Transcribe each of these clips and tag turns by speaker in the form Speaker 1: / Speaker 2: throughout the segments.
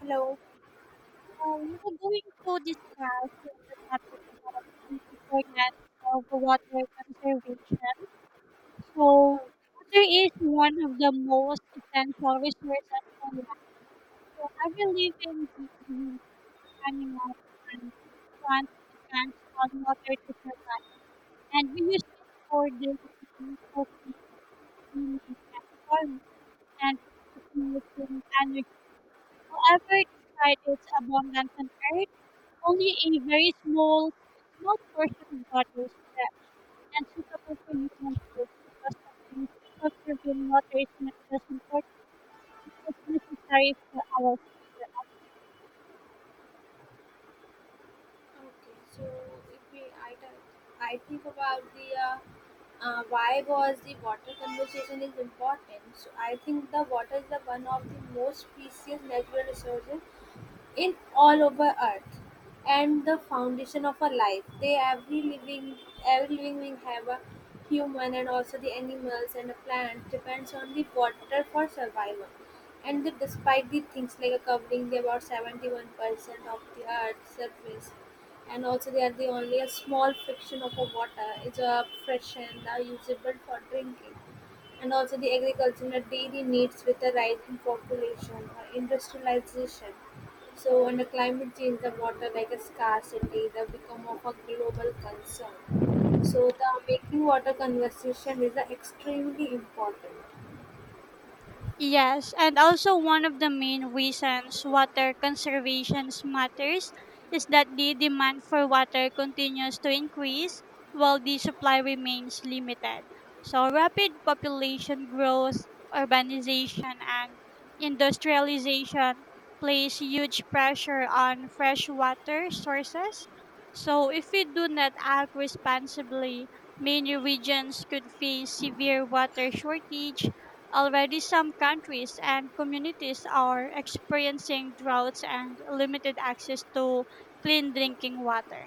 Speaker 1: Hello.
Speaker 2: We were going to discuss the topic about the importance of water conservation. So,
Speaker 1: Oh,
Speaker 2: water is one of the most essential resources for life. So, every living being, animals, and plants depends on water to survive. And we use it for drinking, cooking, cleaning, and farming, and producing energy. However, despite its abundance on Earth, only a very small portion of water is fresh and suitable for human use. Because of this, conserving water is not just important, it is necessary for our future.
Speaker 1: okay. So if we, I, th- I think about the why was the water conversation is important. So I think the water is the one of the most precious natural resources in all over earth and the foundation of a life they every living being have a human and also the animals and the plants depends on the water for survival and the, despite the things like a covering they about 71% of the earth's surface and also they are the only a small fraction of a water is a fresh and now usable for drinking and also the agriculture and dairy needs with the rising population or industrialization. So, under climate change, the water like a scarcity, the become of a global concern. So, the making water conversation is the extremely important.
Speaker 2: Yes, and also one of the main reasons water conservation matters is that the demand for water continues to increase while the supply remains limited. So, rapid population growth, urbanization, and industrialization place huge pressure on fresh water sources. So, if we do not act responsibly, many regions could face severe water shortage. Already, some countries and communities are experiencing droughts and limited access to clean drinking water.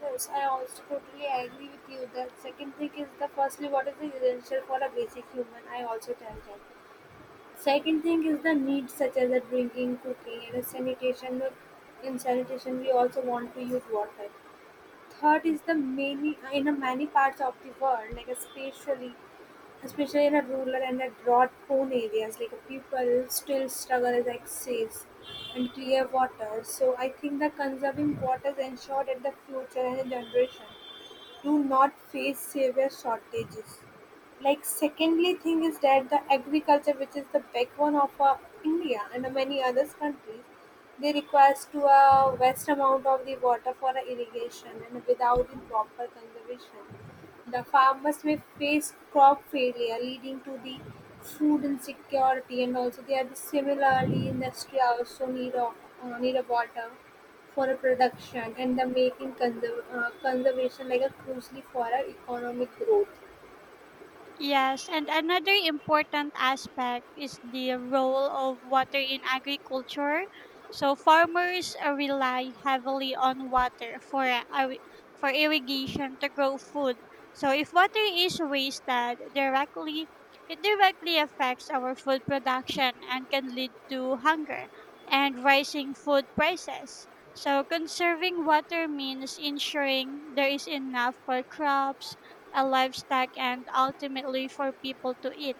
Speaker 1: Yes, I also totally agree with you. The second thing is the firstly, water is essential for a basic human. I also tell that. Second thing is the needs such as the drinking, cooking, and the sanitation. In sanitation, we also want to use water. Third is the many in a many parts of the world, like especially in a rural and a drought-prone areas, like people still struggle with access and clear water. So I think that conserving water is ensured that the future and the generation do not face severe shortages. Like secondly thing is that the agriculture which is the backbone of india and many other countries, they requires to a vast amount of the water for the irrigation, and without the proper conservation the farmers may face crop failure leading to the food insecurity. And also they are similarly industry also need of water for a production and the making conservation like a crucially for our economic growth.
Speaker 2: Yes, and another important aspect is the role of water in agriculture. So farmers rely heavily on water for for irrigation to grow food. So if water is wasted directly, it directly affects our food production and can lead to hunger and rising food prices. So conserving water means ensuring there is enough for crops, a livestock, and ultimately for people to eat.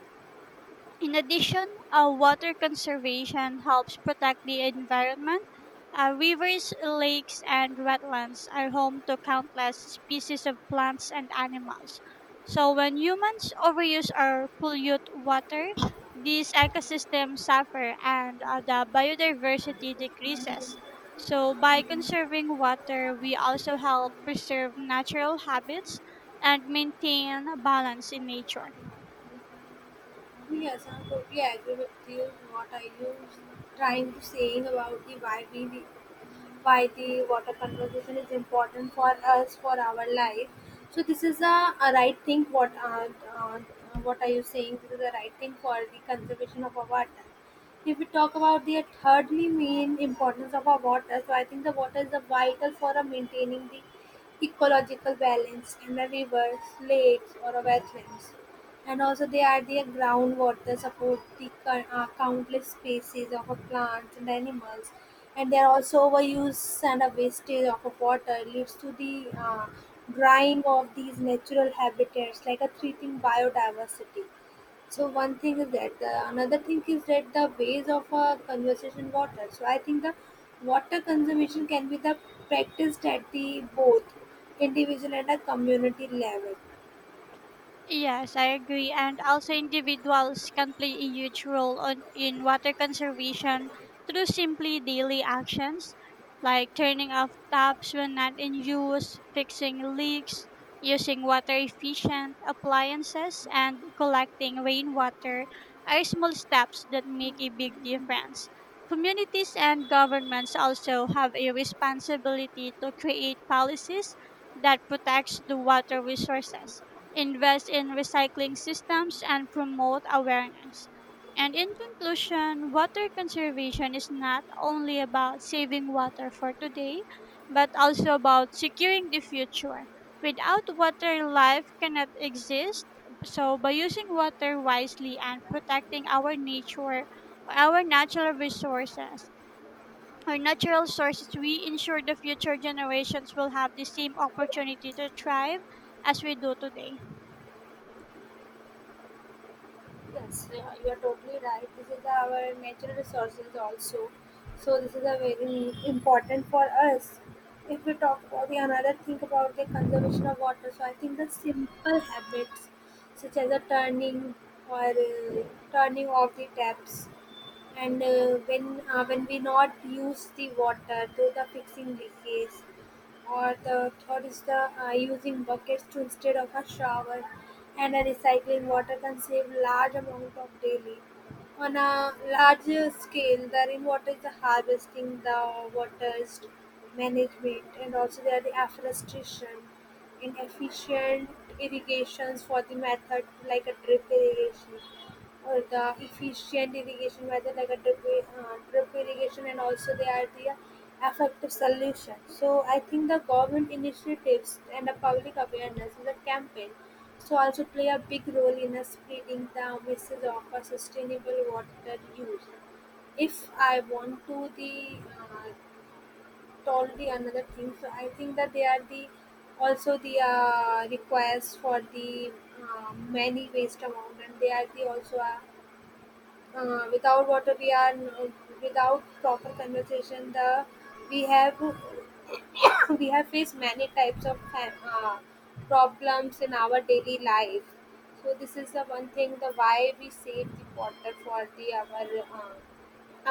Speaker 2: In addition, water conservation helps protect the environment. Rivers, lakes, and wetlands are home to countless species of plants and animals. So, when humans overuse or pollute water, these ecosystems suffer and the biodiversity decreases. So, by conserving water, we also help preserve natural habits and maintain balance in nature.
Speaker 1: Yes, I totally agree with you. What are you trying to saying about the why the water conservation is important for us for our life? So this is a right thing. Uh, what are you saying? This is a right thing for the conservation of our water. If we talk about the thirdly main importance of our water, so I think the water is a vital for maintaining the ecological balance in the rivers, lakes, or wetlands, and also they are the groundwater support the countless species of plants and animals. And they are also overuse and a wastage of water leads to the drying of these natural habitats like a threatening biodiversity. So one thing is that the, another thing is that the ways of conservation water. So I think the water conservation can be the practiced at the both individual and a community level.
Speaker 2: Yes, I agree. And also, individuals can play a huge role on, in water conservation through simply daily actions like turning off taps when not in use, fixing leaks, using water efficient appliances, and collecting rainwater are small steps that make a big difference. Communities and governments also have a responsibility to create policies that protects the water resources, invest in recycling systems, and promote awareness. And in conclusion, water conservation is not only about saving water for today, but also about securing the future. Without water, life cannot exist. So, by using water wisely and protecting our nature, our natural resources, our natural sources, we ensure the future generations will have the same opportunity to thrive as we do today.
Speaker 1: Yes, yeah, you are totally right. This is our natural resources also. So this is a very important for us. If we talk about the another thing about the conservation of water, so I think the simple habits such as a turning or turning off the taps and when we not use the water so the fixing leakages. Or the third is the using buckets to instead of a shower and a recycling water can save large amount of daily. On a larger scale the rainwater is the harvesting, the water is management, and also there are the afforestation and efficient irrigations for the method like a drip irrigation, or the efficient irrigation whether like a drip irrigation, and also they are the effective solution. So I think the government initiatives and the public awareness and the campaign so also play a big role in spreading the message of a sustainable water use. If I want to the told the another thing, so I think that they are the also the requires for the many waste amount, and they are the also a without water without proper conversation the we have we have faced many types of problems in our daily life. So this is the one thing the why we save the water for the uh,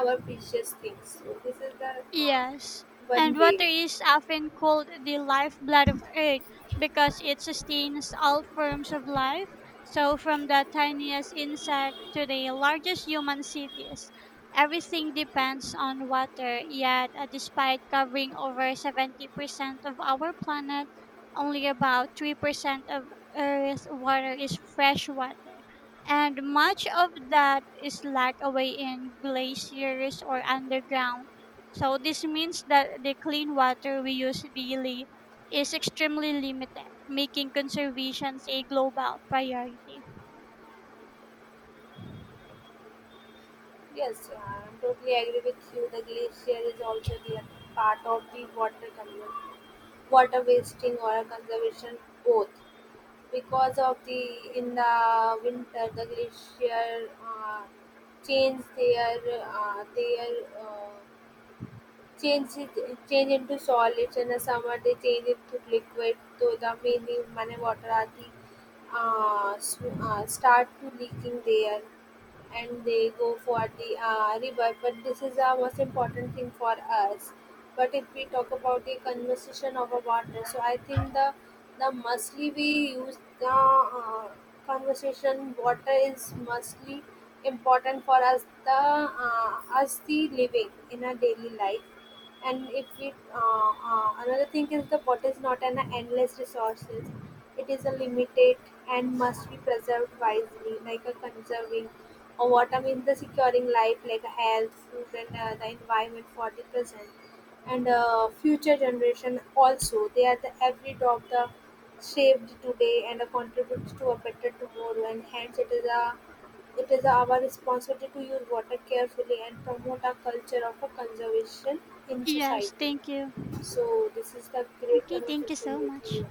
Speaker 1: our precious things. So this is the uh,
Speaker 2: Yes, and
Speaker 1: one way.
Speaker 2: water is often called the lifeblood of Earth because it sustains all forms of life, so from the tiniest insect to the largest human cities. Everything depends on water, yet, despite covering over 70% of our planet, only about 3% of Earth's water is fresh water. And much of that is locked away in glaciers or underground. So this means that the clean water we use daily is extremely limited, making conservation a global priority.
Speaker 1: Yes, I totally agree with you. The glacier is also the part of the water community, water wasting or a conservation both. Because of the in the winter the glacier change their uh, change it, change into solids, and the summer they change it to liquid. So the many many water are the start to leaking there and they go for the river. But this is the most important thing for us. But if we talk about the conversation of a water, so I think the mostly we use the conversation water is mostly important for us the living in our daily life. And if we another thing is the water is not an endless resources, it is a limited and must be preserved wisely. Like a conserving or water means the securing life like health, food, and the environment for the present and future generation. Also they are the every drop the saved today and contributes to a better tomorrow, and hence it is our responsibility to use water carefully and promote a culture of a conservation in
Speaker 2: Yes,
Speaker 1: society.
Speaker 2: thank you.
Speaker 1: So this is the great
Speaker 2: Okay, thank you
Speaker 1: conversation
Speaker 2: so
Speaker 1: with
Speaker 2: much.
Speaker 1: you.